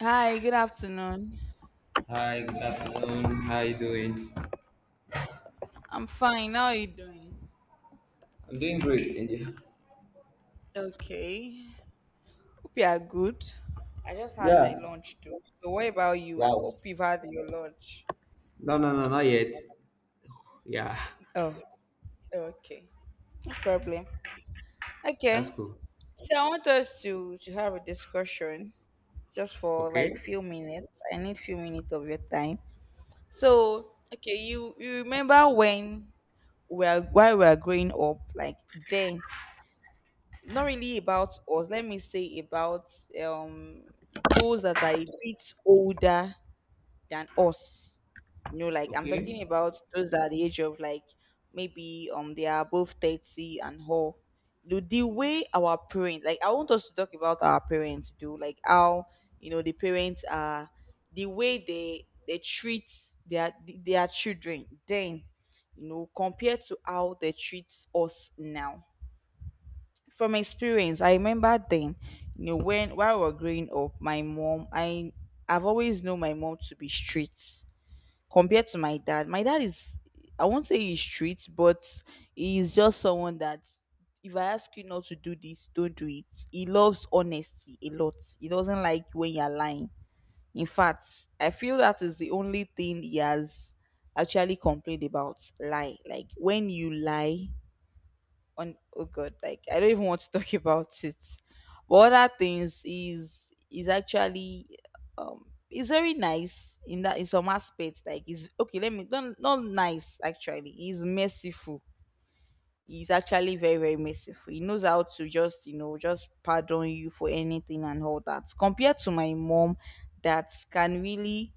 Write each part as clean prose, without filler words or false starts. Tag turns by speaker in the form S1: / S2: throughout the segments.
S1: Hi, good afternoon.
S2: Hi, good afternoon. How you doing?
S1: I'm fine. How are you doing?
S2: I'm doing great. And you?
S1: Okay. Hope you are good. I just had
S2: Yeah.
S1: my lunch too. So what about you? I
S2: Wow.
S1: hope you've had your lunch.
S2: No, no, no, not yet. Yeah,
S1: Oh, okay. No problem.
S2: that's
S1: Okay.
S2: cool.
S1: So I want us to have a discussion just for like
S2: Okay.
S1: few minutes. I need few minutes of your time. So okay, you remember when we are while we are growing up, like then not really about us. Let me say about um those that are a bit older than us. You know, like I'm
S2: Okay.
S1: talking about those that are the age of like maybe they are above 30 and whole. The way our parents, like I want us to talk about our parents do, like how you know the parents are, the way they treat their children then, you know, compared to how they treat us now. From experience, I remember then, you know, when while we were growing up, my mom, I've always known my mom to be strict compared to my dad. My dad is, I won't say he's strict, but he's just someone that if I ask you not to do this, don't do it. He loves honesty a lot. He doesn't like when you're lying. In fact, I feel that is the only thing he has actually complained about. Lie. Like when you lie, on oh god, like I don't even want to talk about it, but other things is actually, it's very nice in that, in some aspects, like is okay, let me not, not nice actually. He's merciful. He's actually very very merciful. He knows how to just, you know, just pardon you for anything and all that, compared to my mom that can really,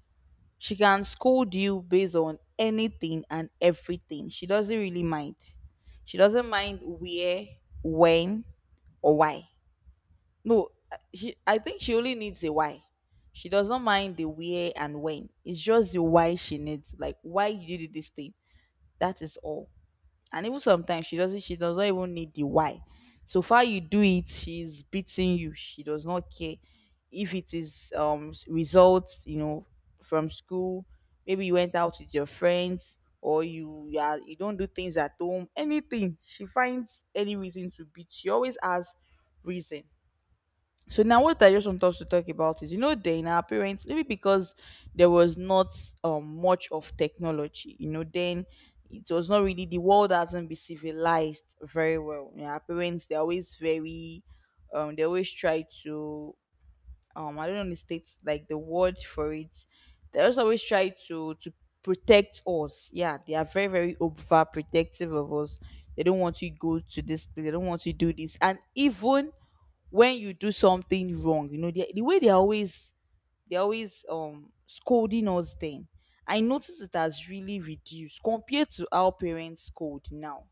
S1: she can scold you based on anything and everything. She doesn't really mind. She doesn't mind where, when, or why. No, she, I think she only needs a why. She does not mind the where and when. It's just the why she needs. Like why you did this thing. That is all. And even sometimes she does not even need the why. So far you do it, she's beating you. She does not care. If it is results, you know, from school, maybe you went out with your friends, or you don't do things at home, anything, she finds any reason to beat. She always has reason. So now what I just want us to talk about is, you know, then our parents, maybe because there was not much of technology, you know, then, it was not really, the world hasn't been civilized very well. You know, our parents, they're always very, they always try to, I don't know the states like the word for it, they just always try to protect us. Yeah, they are very very over protective of us. They don't want you go to this place, they don't want you do this. And even when you do something wrong, you know, they, the way they are always, they're always scolding us then. I notice it has really reduced compared to our parents scold now.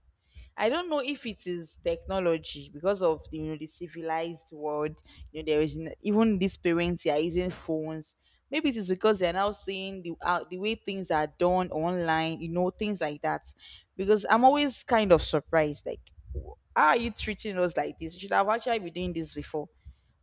S1: I don't know if it is technology because of, you know, the civilized world. You know there is even these parents, they are using phones. Maybe it is because they are now seeing the way things are done online. You know, things like that. Because I'm always kind of surprised. Like, how are you treating us like this? You should have actually been doing this before,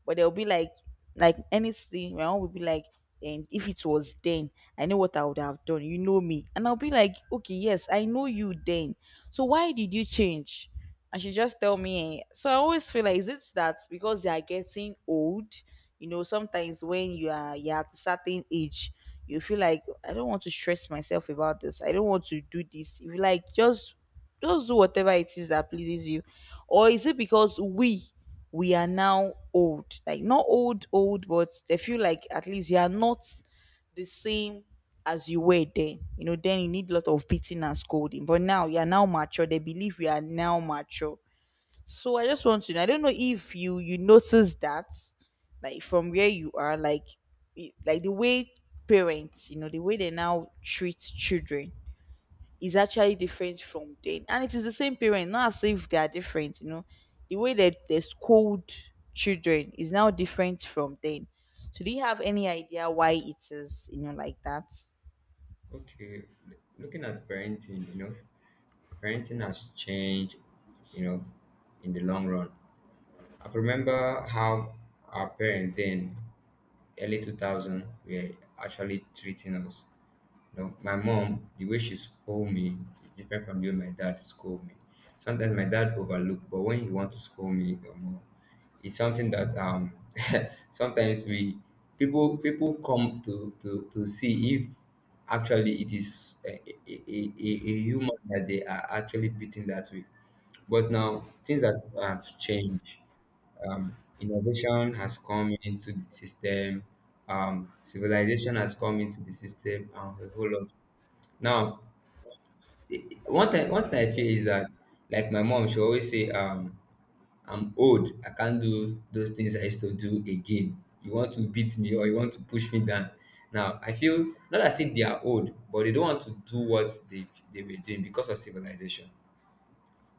S1: but they'll be like anything, my own will be like, and if it was then, I know what I would have done, you know me, and I'll be like okay yes I know you then, so why did you change? And she just tell me eh. So I always feel like, is it that because they are getting old? You know, sometimes when you're at a certain age, you feel like, I don't want to stress myself about this, I don't want to do this. You feel like just do whatever it is that pleases you. Or is it because we are now old? Like not old, old, but they feel like at least you are not the same as you were then. You know, then you need a lot of beating and scolding. But now you are now mature. They believe we are now mature. So I just want to know. I don't know if you notice that, like from where you are, like like the way parents, you know, the way they now treat children is actually different from them. And it is the same parent, not as if they are different, you know. The way that they scold children is now different from them. So do you have any idea why it is, you know, like that?
S2: Okay. Looking at parenting, parenting has changed, you know, in the long run. I could remember how our parents then, early 2000, were actually treating us. My mom, the way she scold me is different from the way my dad scold me. Sometimes my dad overlook, but when he want to scold me, it's something that sometimes we people come to see if actually it is a human that they are actually beating that way. But now things have changed. Innovation has come into the system. Civilization has come into the system, and a whole lot. Now, one thing, I feel is that, like my mom, she always say, "I'm old. I can't do those things I used to do again. You want to beat me or you want to push me down." Now, I feel not as if they are old, but they don't want to do what they were doing because of civilization.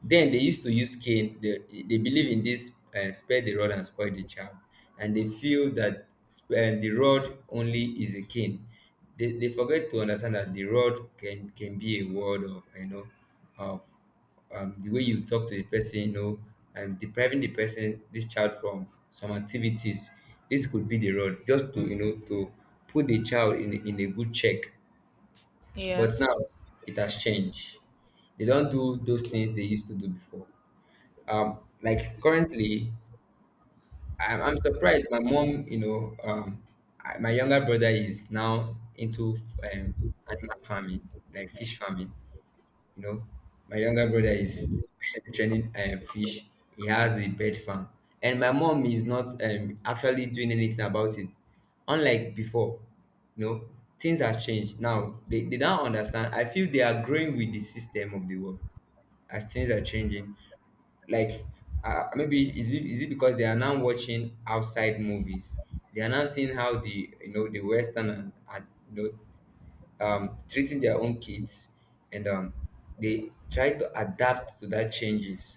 S2: Then they used to use cane. They believe in this, spare the rod and spoil the child. And they feel that the rod only is a cane. They forget to understand that the rod can be a word of, of the way you talk to the person, and depriving the person, this child from some activities. This could be the rod just to put the child in, in a good check. But now
S1: Yes.
S2: it has changed. They don't do those things they used to do before, like currently I'm surprised my mom, my younger brother is now into um animal farming, like fish farming. you know my younger brother is training, fish. He has a bird farm, and my mom is not actually doing anything about it, unlike before. you know Things have changed. Now, they don't understand. I feel they are growing with the system of the world, as things are changing. Like, maybe, is it because they are now watching outside movies? They are now seeing how the western are you treating their own kids, and they try to adapt to that changes.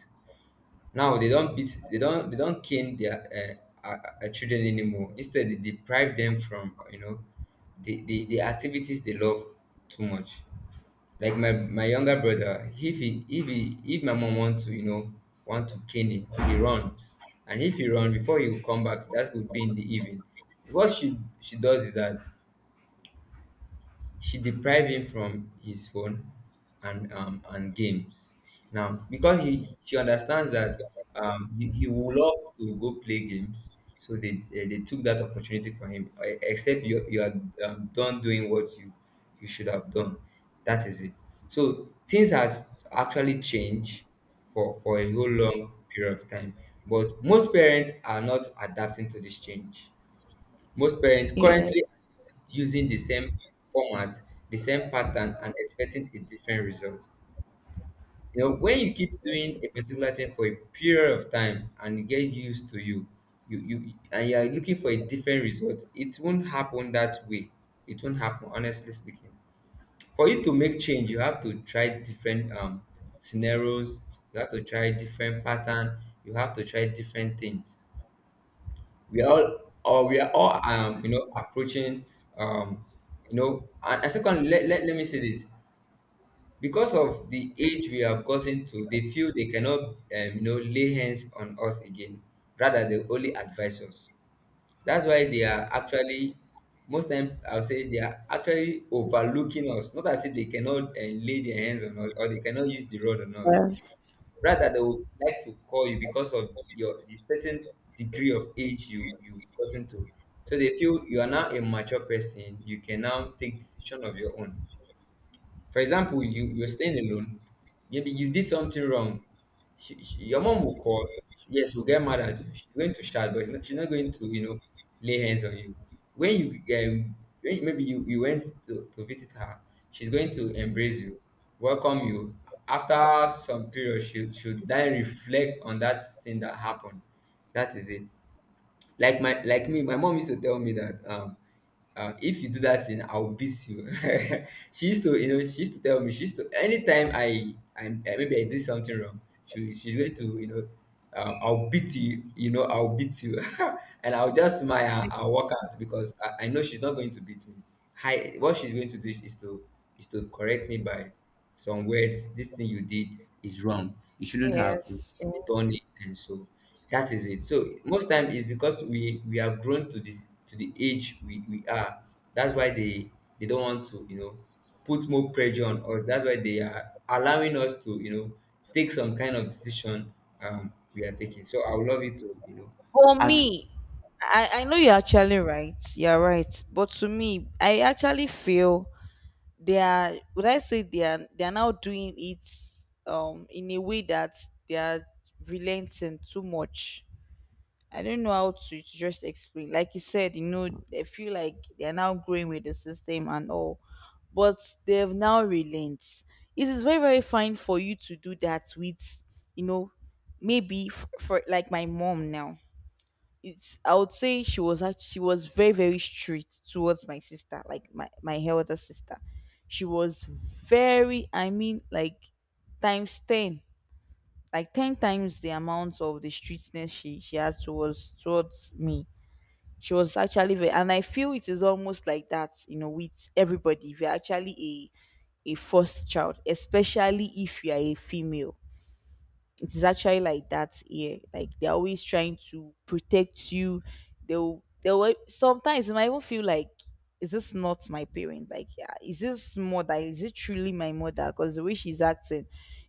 S2: Now they don't beat they don't cane their uh, uh, children anymore. Instead, they deprive them from, the activities they love too much. Like, my younger brother, if my mom want to you know want to cane him, he runs. And if he run before he will come back, that would be in the evening. What she does is that she deprived him from his phone, and games. Now, because he she understands that, he would love to go play games, so they took that opportunity from him. Except you you are done doing what you should have done. That is it. So things has actually changed for a whole long period of time, but most parents are not adapting to this change. Most parents currently
S1: Yes.
S2: using the same format, the same pattern, and expecting a different result. When you keep doing a particular thing for a period of time and you get used to you and you are looking for a different result, it won't happen that way. It won't happen, honestly speaking. For you to make change, you have to try different scenarios, you have to try different pattern, you have to try different things. We are all, or we are all you know approaching, um and second, let me say this. Because of the age we have gotten to, they feel they cannot, lay hands on us again. Rather, they only advise us. That's why they are actually, most time I would say, they are actually overlooking us, not as if they cannot lay their hands on us or they cannot use the rod on us.
S1: Yes.
S2: Rather, they would like to call you because of your the certain degree of age you've gotten to. So they feel you are now a mature person. You can now take decision of your own. For example, you're staying alone. Maybe you did something wrong. Your mom will call. Yes, will get mad at you. She's going to shout, but it's not, she's not going to, lay hands on you. When you um, when maybe you went to visit her, she's going to embrace you, welcome you. After some period, she should then reflect on that thing that happened. That is it. Like my like me, my mom used to tell me that, if you do that thing I will beat you. She used to, she used to tell me, she used to, anytime I maybe I did something wrong, she's going to, "I'll beat you, you know, I'll beat you." And I'll just smile
S1: Yes.
S2: and walk out, because I know she's not going to beat me. Hi, what she's going to do is to, correct me by some words: this thing you did is wrong, you shouldn't have
S1: Yes.
S2: turn it, and so. That is it. So most time is because we are grown to the age we are. That's why they don't want to, put more pressure on us. That's why they are allowing us to, take some kind of decision we are taking. So I would love you to,
S1: For
S2: add
S1: me, I know you're actually right. You're right. But to me, I actually feel they are, would I say, they are now doing it in a way that they are relenting too much. I don't know how to just explain. Like you said, you know, they feel like they're now growing with the system and all, but they've now relent. It is very very fine for you to do that with, you know, maybe for like my mom now. It's, I would say she was very very strict towards my sister, like my elder sister. She was very, I mean like times 10, like 10 times the amount of the strictness she has towards me. She was actually very, and I feel it is almost like that, you know, with everybody. If you're actually a first child, especially if you are a female, it is actually like that here. Like they're always trying to protect you. They'll sometimes it might even feel like, is this not my parent? Like yeah, is this mother? Is it truly my mother? Because the way she's acting,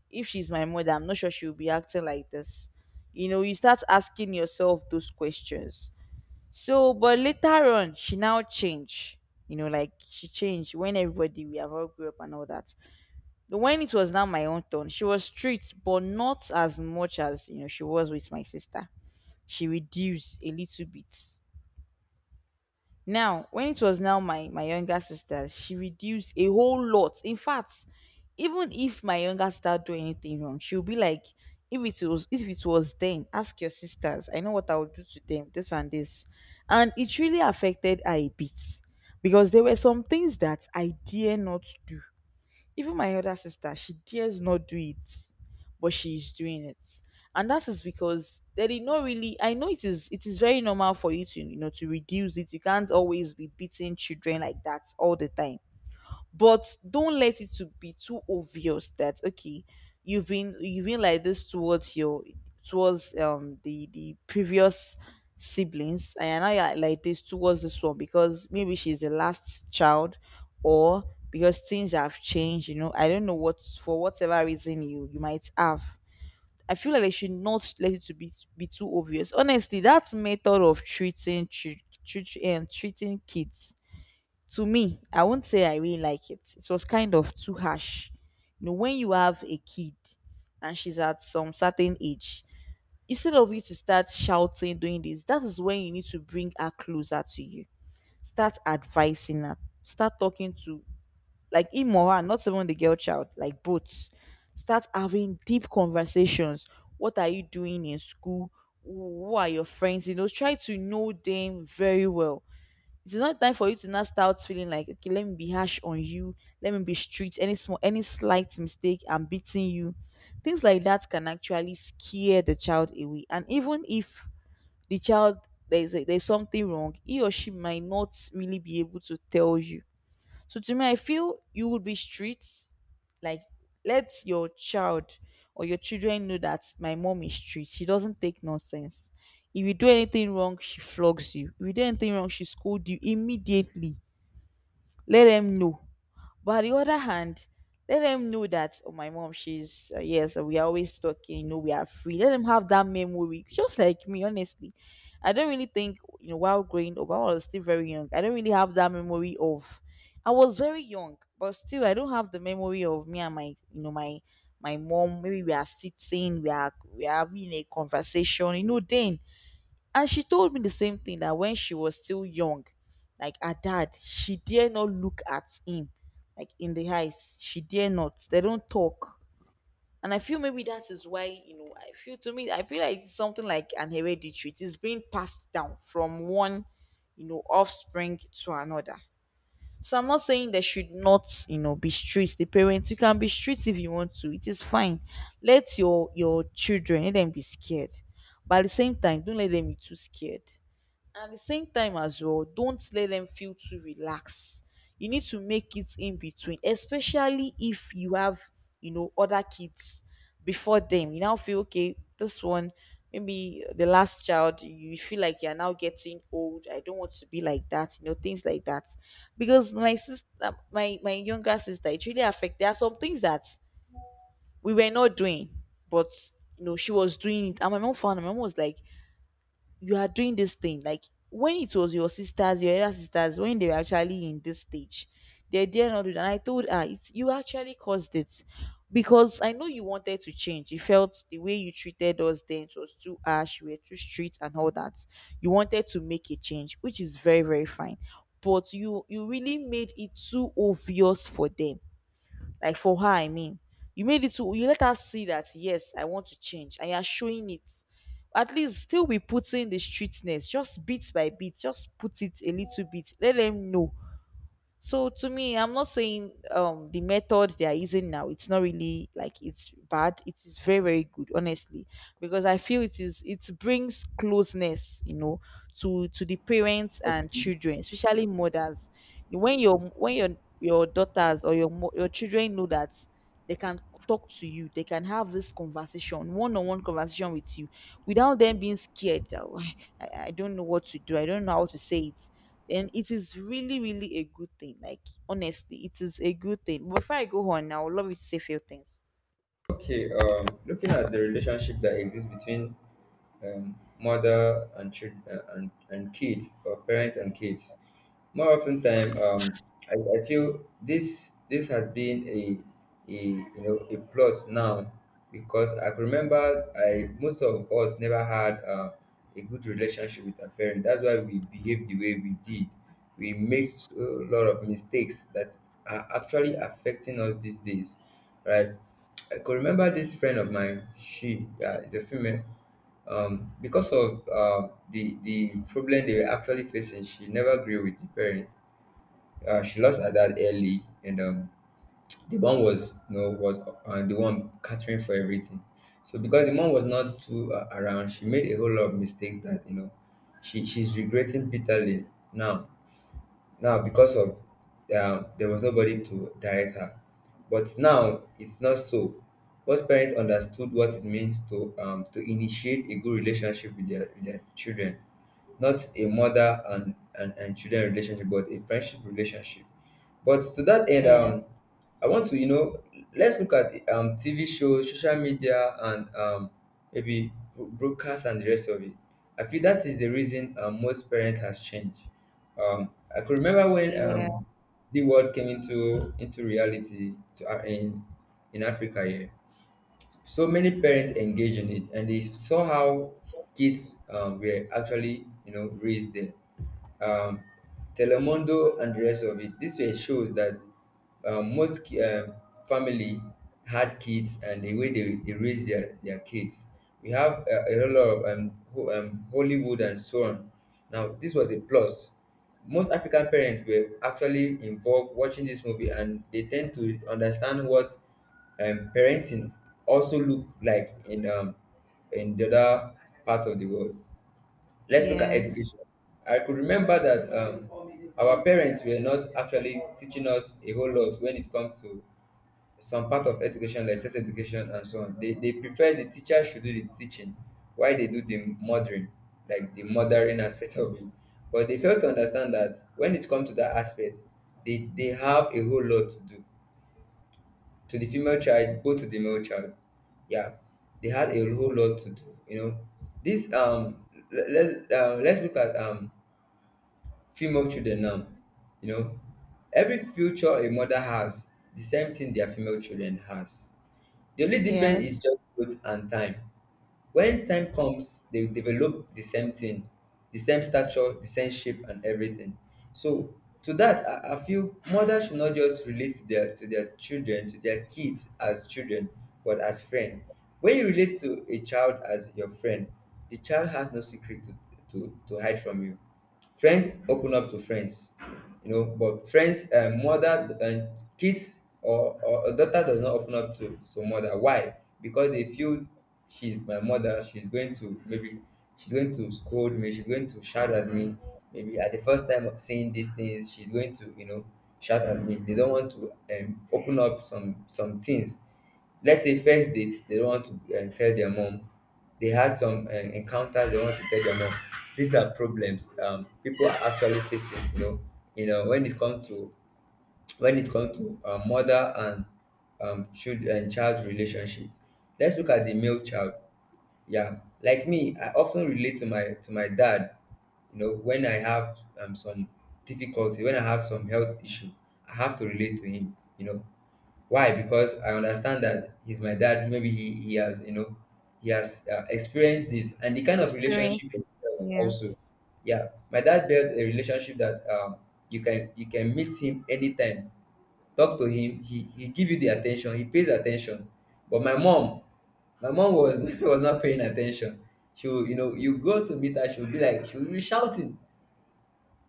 S1: if she's my mother, I'm not sure she'll be acting like this. You know, you start asking yourself those questions. So, but later on, she now changed. You know, like she changed when everybody, we have all grew up and all that. But when it was now my own turn, she was strict, but not as much as, you know, she was with my sister. She reduced a little bit. Now, when it was now my younger sister, she reduced a whole lot. In fact, even if my younger sister do anything wrong, she'll be like, if it was then, ask your sisters, I know what I would do to them, this and this. And it really affected her a bit because there were some things that I dare not do, even my elder sister, she dares not do it, but she is doing it. And that is because there is not really, I know it is very normal for you to, you know, to reduce it. You can't always be beating children like that all the time, but don't let it to be too obvious that, okay, you've been like this towards your, towards the previous siblings, and now you're like this towards this one because maybe she's the last child, or because things have changed, you know, I don't know what, for whatever reason you, you might have, I feel like they should not let it to be, too obvious. Honestly, that method of treating treating kids, to me, I won't say I really like it. It was kind of too harsh. You know, when you have a kid and she's at some certain age, instead of you to start shouting, doing this, that is when you need to bring her closer to you. Start advising her. Start talking to, like, him or her, not even the girl child, like both. Start having deep conversations. What are you doing in school? Who are your friends? You know, try to know them very well. It is not time for you to now start feeling like, okay, let me be harsh on you, let me be strict. Any small, any slight mistake, I'm beating you. Things like that can actually scare the child away. And even if the child, there's there's something wrong, he or she might not really be able to tell you. So to me, I feel you would be strict. Like, let your child or your children know that my mom is strict. She doesn't take nonsense. If you do anything wrong, she flogs you. If you do anything wrong, she scolds you immediately. Let them know. But on the other hand, let them know that, oh, my mom, she's yes, we are always talking. You know, we are free. Let them have that memory, just like me. Honestly, I don't really think, while growing up, I was still very young. I don't really have that memory of. I was very young, but still, I don't have the memory of me and my you know my my mom. Maybe we are sitting, we are having a conversation. You know, then, and she told me the same thing, that when she was still young, like, her dad, she dare not look at him, like, in the eyes. She dare not. They don't talk. And I feel maybe that is why, you know, I feel, to me, I feel like it's something like an hereditary. It is being passed down from one, you know, offspring to another. So I'm not saying they should not, you know, be strict. The parents, you can be strict if you want to. It is fine. Let your children, let them be scared. But at the same time, don't let them be too scared. At the same time as well, don't let them feel too relaxed. You need to make it in between, especially if you have, you know, other kids before them. You now feel, okay, this one, maybe the last child, you feel like, you're now getting old, I don't want to be like that, you know, things like that. Because my sister, my younger sister, it really affected. There are some things that we were not doing, but, you know, she was doing it, and my mom found out. My mom was like, you are doing this thing, like, when it was your sisters, your elder sisters, when they were actually in this stage, they dare not do that. And I told her, it's you actually caused it, because I know you wanted to change. You felt the way you treated us then, it was too harsh, you were too strict, and all that. You wanted to make a change, which is very, very fine, but you really made it too obvious for them, like, for her, I mean, you made it to you let her see that, yes, I want to change, and you're showing it. At least still be putting the streetness, just bit by bit, just put it a little bit, let them know. So to me, I'm not saying the method they are using now, it's not really like it's bad. It is very, very good, honestly. Because I feel it is, it brings closeness, you know, to the parents
S2: up
S1: and
S2: to-
S1: children, especially mothers. When your daughters, or your children know that they can talk to you, they can have this conversation, one-on-one conversation with you, without them being scared. "Oh, I don't know what to do, I don't know how to say it." And it is really, really a good thing. Like, honestly, it is a good thing. Before I go on, I would love you to say a few things.
S2: okay, looking at the relationship that exists between, mother and child, and kids, or parents and kids. More often time, I feel this has been a you know a plus now, because I can remember, I most of us never had, a good relationship with our parents. That's why we behaved the way we did. We made, so, a lot of mistakes that are actually affecting us these days, right? I could remember this friend of mine. She, yeah, is a female. Because of, the problem they were actually facing, she never grew with the parents. She lost her dad early, and the mom was, the one catering for everything. So because the mom was not too, around, she made a whole lot of mistakes that, she's regretting bitterly now. Now, because of, there was nobody to direct her, but now it's not so. Once parents understood what it means, to initiate a good relationship with their children, not a mother and children relationship, but a friendship relationship. But to that end,
S1: Yes.
S2: I want to, you know, let's look at, TV shows, social media, and, maybe broadcast and the rest of it. I feel that is the reason, most parent has changed. I could remember when,
S1: Yeah.
S2: the world came into reality, to, in Africa here. So many parents engage in it, and they saw how kids, were actually, raised there. um, Telemundo, and the rest of it. This way shows that, most family had kids and the way they raise their kids. We have a whole lot of Hollywood and so on. Now, this was a plus. Most African parents were actually involved watching this movie, and they tend to understand what, parenting also look like in, in the other part of the world. Let's look at
S1: Yes.
S2: education. I could remember that, our parents were not actually teaching us a whole lot when it comes to some part of education, like sex education and so on. They prefer the teacher should do the teaching, while they do the mothering, like the mothering aspect of it. But they fail to understand that when it comes to that aspect, they have a whole lot to do to the female child, both to the male child. Yeah, they had a whole lot to do. Let's look at female children now, you know, every future a mother has, the same thing their female children has. The only difference is
S1: Yes.
S2: just growth and time. When time comes, they will develop the same thing, the same stature, the same shape, and everything. So to that, I feel mothers should not just relate to their children, to their kids as children, but as friend. When you relate to a child as your friend, the child has no secret to hide from you. Friends open up to friends, mother, and kids or a daughter does not open up to mother. Why? Because they feel she's my mother. She's going to maybe she's going to scold me. She's going to shout at me. Maybe at the first time of saying these things, she's going to shout at me. They don't want to open up some things. Let's say first date, they don't want to tell their mom. They had some encounters they want to tell their mom. These are problems people are actually facing. You know, when it comes to mother and child and child relationship. Let's look at the male child. Yeah, like me, I often relate to my dad. You know, when I have some difficulty, when I have some health issue, I have to relate to him. You know, why? Because I understand that he's my dad. Maybe he has, you know, he has experienced this, and the kind of relationship
S1: Experience
S2: he
S1: it.
S2: built also.
S1: Yes.
S2: Yeah, my dad built a relationship that, you can meet him anytime, talk to him. He give you the attention. He pays attention. But my mom was was not paying attention. She will, you know, you go to meet her. She will be like she will be shouting.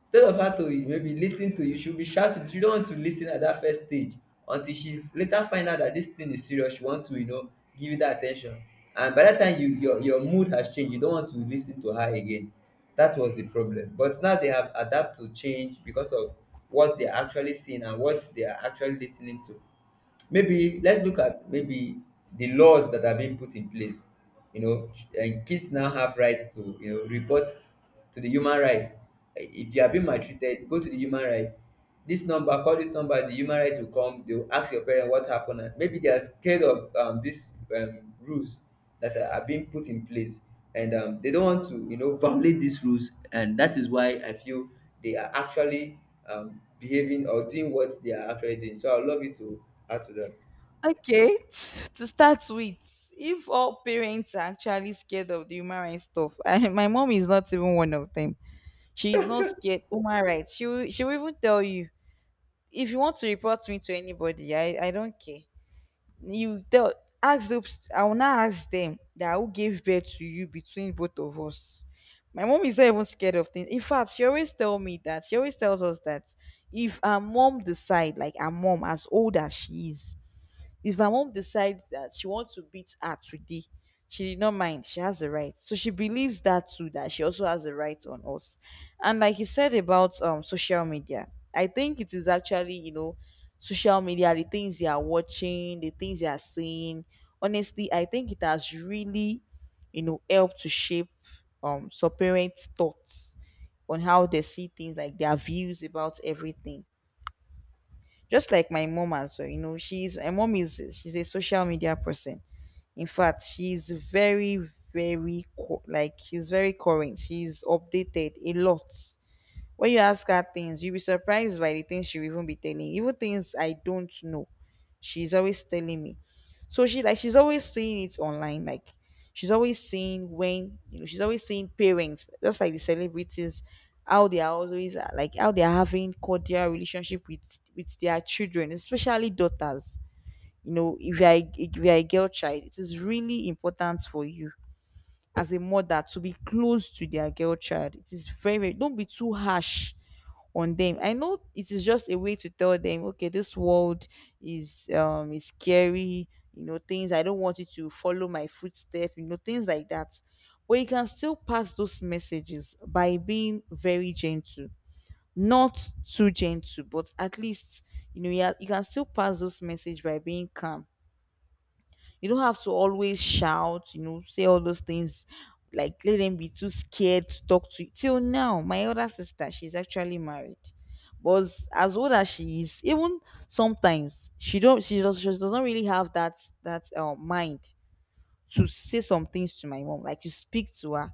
S2: Instead of her to maybe lis ten to you, she'll be shouting. She don't want to lis ten at that first stage until she later find out that this thing is serious. She want to, you know, give you that attention. And by that time, you your mood has changed. You don't want to lis ten to her again. That was the problem. But now they have adapt to change because of what they are actually seeing and what they are actually lis ten ing to. Maybe let's look at maybe the laws that are being put in place. You know, ch- and kids now have rights to, you know, report to the human rights. Eh, if you are being maltreated, go to the human rights. This number, call this number. The human rights will come. They will ask your parent what happened. And Maybe they are scared of these rules that are being put in place, and they don't want to, you know, violate these rules. And that is why I feel they are actually behaving or doing what they are actually doing. So I would love you to add to that.
S1: Okay. To start with, if all parents are actually scared of the human rights stuff, and my mom is not even one of them. She is not scared, human rights. She will even tell you, if you want to report me to anybody, I don't care. You tell, ask those, I will now ask them that, who gave birth to you between both of us? My mom is not even scared of things. In fact, she always tell me that, she always tells us that, if our mom decide, like, our mom, as old as she is, if her mom decides that she wants to beat her today, she did not mind. She has the right. So she believes that too, that she also has the right on us. And like you said about social media, I think it is actually, you know, social media, the things they are watching, the things they are seeing. Honestly, I think it has really, you know, helped to shape so parents' thoughts on how they see things, like, their views about everything. Just like my mom as well, you know, she's, my mom is, she's a social media person. In fact, she's like, she's very current, she's updated a lot. When you ask her things, you'll be surprised by the things she'll even be telling you, even things I don't know. She's always telling me. So she, like, she's always seeing it online. Like, she's always seeing, when you know, she's always seeing parents, just like the celebrities, how they are always, like, how they are having cordial relationship with their children, especially daughters. You know, if you are a, if you are a girl child, it is really important for you, as a mother, to be close to their girl child. It is very, very. Don't be too harsh on them. I know it is just a way to tell them, okay, this world is, is scary, you know, things. I don't want you to follow my footsteps, you know, things like that. But you can still pass those messages by being very gentle. Not too gentle, but at least, you know, you, are, you can still pass those messages by being calm. You don't have to always shout, you know, say all those things. Like, let them be too scared to talk to you. Till now, my other sister, she's actually married. But as old as she is, even sometimes, she does not really have that, that mind to say some things to my mom, like, to speak to her.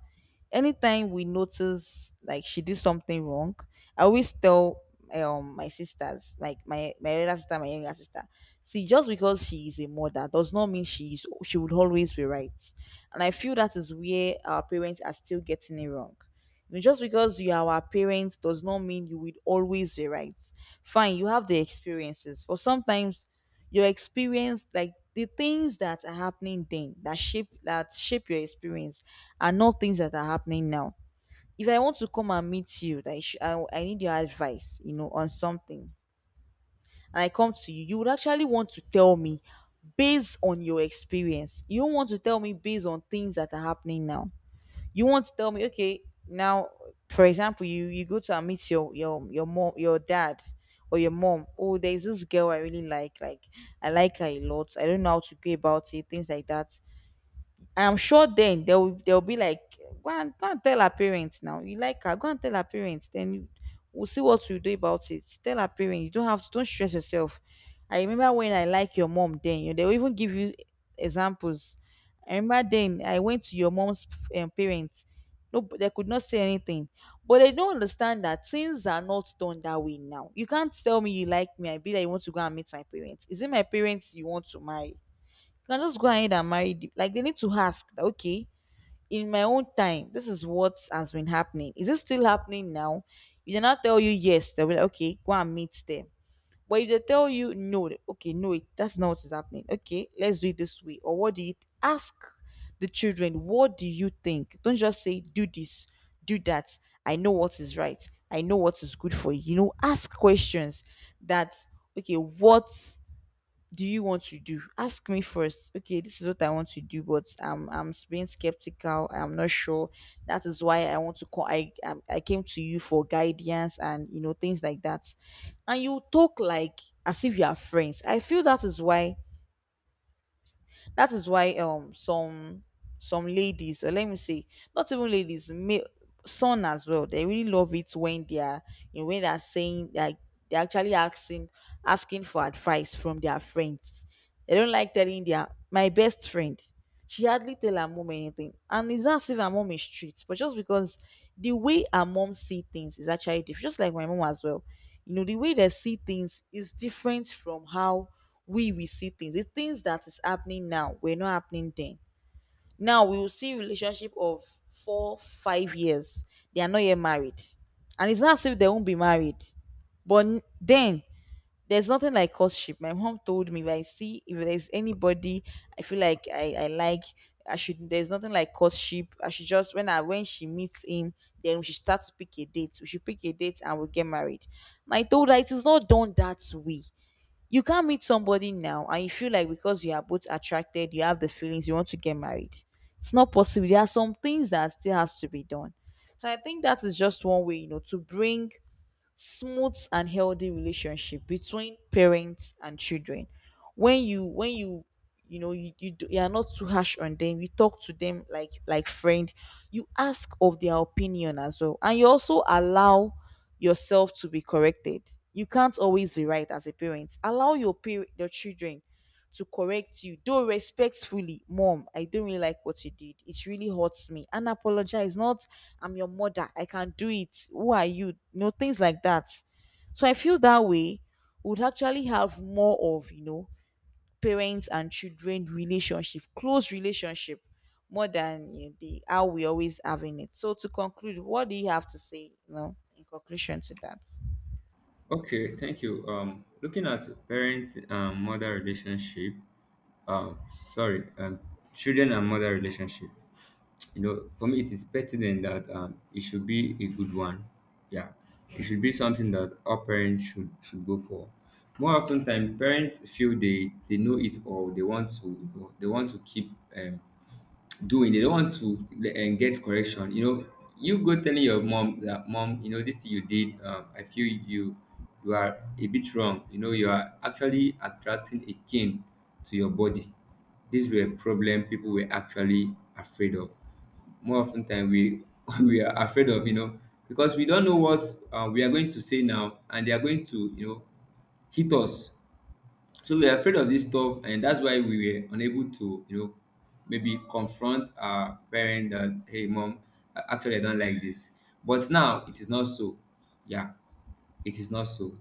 S1: Anytime we notice, like, she did something wrong, I always tell my sisters, like, my elder sister, my younger sister, see, just because she is a mother does not mean she would always be right. And I feel that is where our parents are still getting it wrong. You know, just because you are our parents does not mean you will always be right. Fine, you have the experiences, but sometimes, your experience, like, the things that are happening then, that shape your experience, are not things that are happening now. If I want to come and meet you, like, I need your advice, you know, on something, and I come to you, you would actually want to tell me based on your experience. You don't want to tell me based on things that are happening now. You want to tell me, okay, now, for example, you, you go to and meet your mom, your dad, or your mom. Oh, there's this girl I really like. Like, I like her a lot. I don't know how to go about it. Things like that. I'm sure then they'll be like, go and go and tell her parents now. You like her, go and tell her parents. Then you, we'll see what we do about it. Tell her parents. You don't have to Don't stress yourself. I remember when I like your mom then, you know, they'll even give you examples. I remember then I went to your mom's, parents. No, but they could not say anything. But they don't understand that things are not done that way now. You can't tell me you like me, I be like, you want to go and meet my parents. Is it my parents you want to marry? You can just go ahead and marry the, like, they need to ask that, okay, in my own time, this is what has been happening, is it still happening now? If they not tell you yes, they'll be like, okay, go and meet them. But if they tell you no, okay, no, it, that's not what is happening. Okay, let's do it this way, or what do you ask the children, what do you think? Don't just say, do this, do that, I know what is right, I know what is good for you. You know, ask questions that, okay, what do you want to do? Ask me first. Okay, this is what I want to do, but I'm being skeptical, I'm not sure. That is why I want to call. I came to you for guidance, and you know, things like that. And you talk like, as if you are friends. I feel that is why, that is why um some some ladies, or let me say, not even ladies, male, son as well, they really love it when they are, you know, when they are saying like, they're actually asking, asking for advice from their friends. They don't like telling their, my best friend, she hardly tell her mom anything. And it's not as if her mom is strict, but just because the way her mom see things is actually different. Just like my mom as well, you know, the way they see things is different from how we see things. The things that is happening now were not happening then. Now we will see relationship of 4 or 5 years, they are not yet married, and it's not as if they won't be married. But then, there's nothing like courtship. My mom told me, if I see, if there's anybody I feel like I like, I should, there's nothing like courtship, I should just, when I, when she meets him, then we should start to pick a date. We should pick a date and we'll get married. And I told her, it is not done that way. You can't meet somebody now and you feel like, because you are both attracted, you have the feelings, you want to get married. It's not possible. There are some things that still has to be done. And I think that is just one way, you know, to bring smooth and healthy relationship between parents and children. When you, when you do, you are not too harsh on them, you talk to them like friend. You ask of their opinion as well, and you also allow yourself to be corrected. You can't always be right as a parent. Allow your children to correct you, though respectfully. Mom, I don't really like what you did. It really hurts me. And apologize. Not, I'm your mother, I can do it, who are you? You know, things like that. So I feel that way would actually have more of, you know, parents and children relationship, close relationship, more than, you know, the how we always having it. So to conclude, what do you have to say, you know, in conclusion to that?
S2: Okay, thank you. Looking at parent mother relationship, um, sorry, um, children and mother relationship. You know, for me, it is pertinent that, it should be a good one. Yeah, it should be something that all parents should go for. More often than, parents feel they know it all. They want to keep, doing. They don't want to and get correction. You know, you go telling your mom that mom, you know, this thing you did, I feel you are a bit wrong. You know, you are actually attracting a king to your body. These were a problem people were actually afraid of. More often than we we are afraid of, you know, because we don't know what, we are going to say now, and they are going to, you know, hit us. So we were afraid of this stuff, and that's why we were unable to, you know, maybe confront our parent that hey mom, actually I don't like this. But now it is not so. Yeah, it is not so.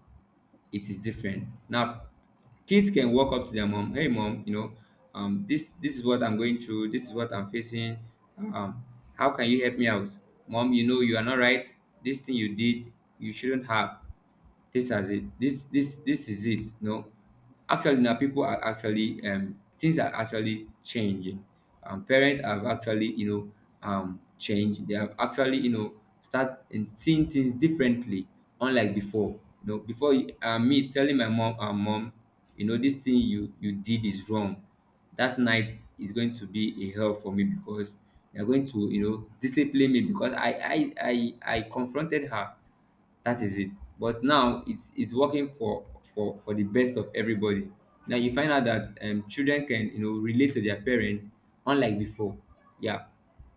S2: It is different now. Kids can walk up to their mom, hey mom, you know, this this is what I'm going through, this is what I'm facing. um how can you help me out? Mom, you know, you are not right. This thing you did, you shouldn't have. This has it this this This is it. No, actually now, people are actually, things are actually changing. Parents have actually, you know, changed. They have actually, you know, start and seeing things differently, unlike before. You know, before me telling my mom, mom, you know, this thing you did is wrong, that night is going to be a hell for me because they're going to, you know, discipline me because I confronted her. That is it. But now it's working for for the best of everybody. Now you find out that, children can, you know, relate to their parents, unlike before. Yeah,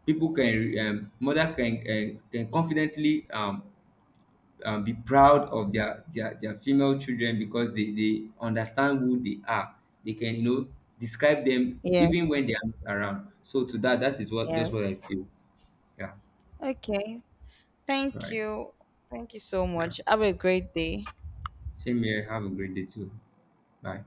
S2: people can, mother can, can confidently, be proud of their their female children because they understand who they are. They can, you know, describe them
S1: Yes,
S2: even when they are not around. So to that, that is what just
S1: yes.
S2: what I feel. Yeah,
S1: Okay. Thank
S2: right.
S1: you. Thank you so
S2: Yeah.
S1: much. Have a great day.
S2: Same here. Have a great day too. Bye.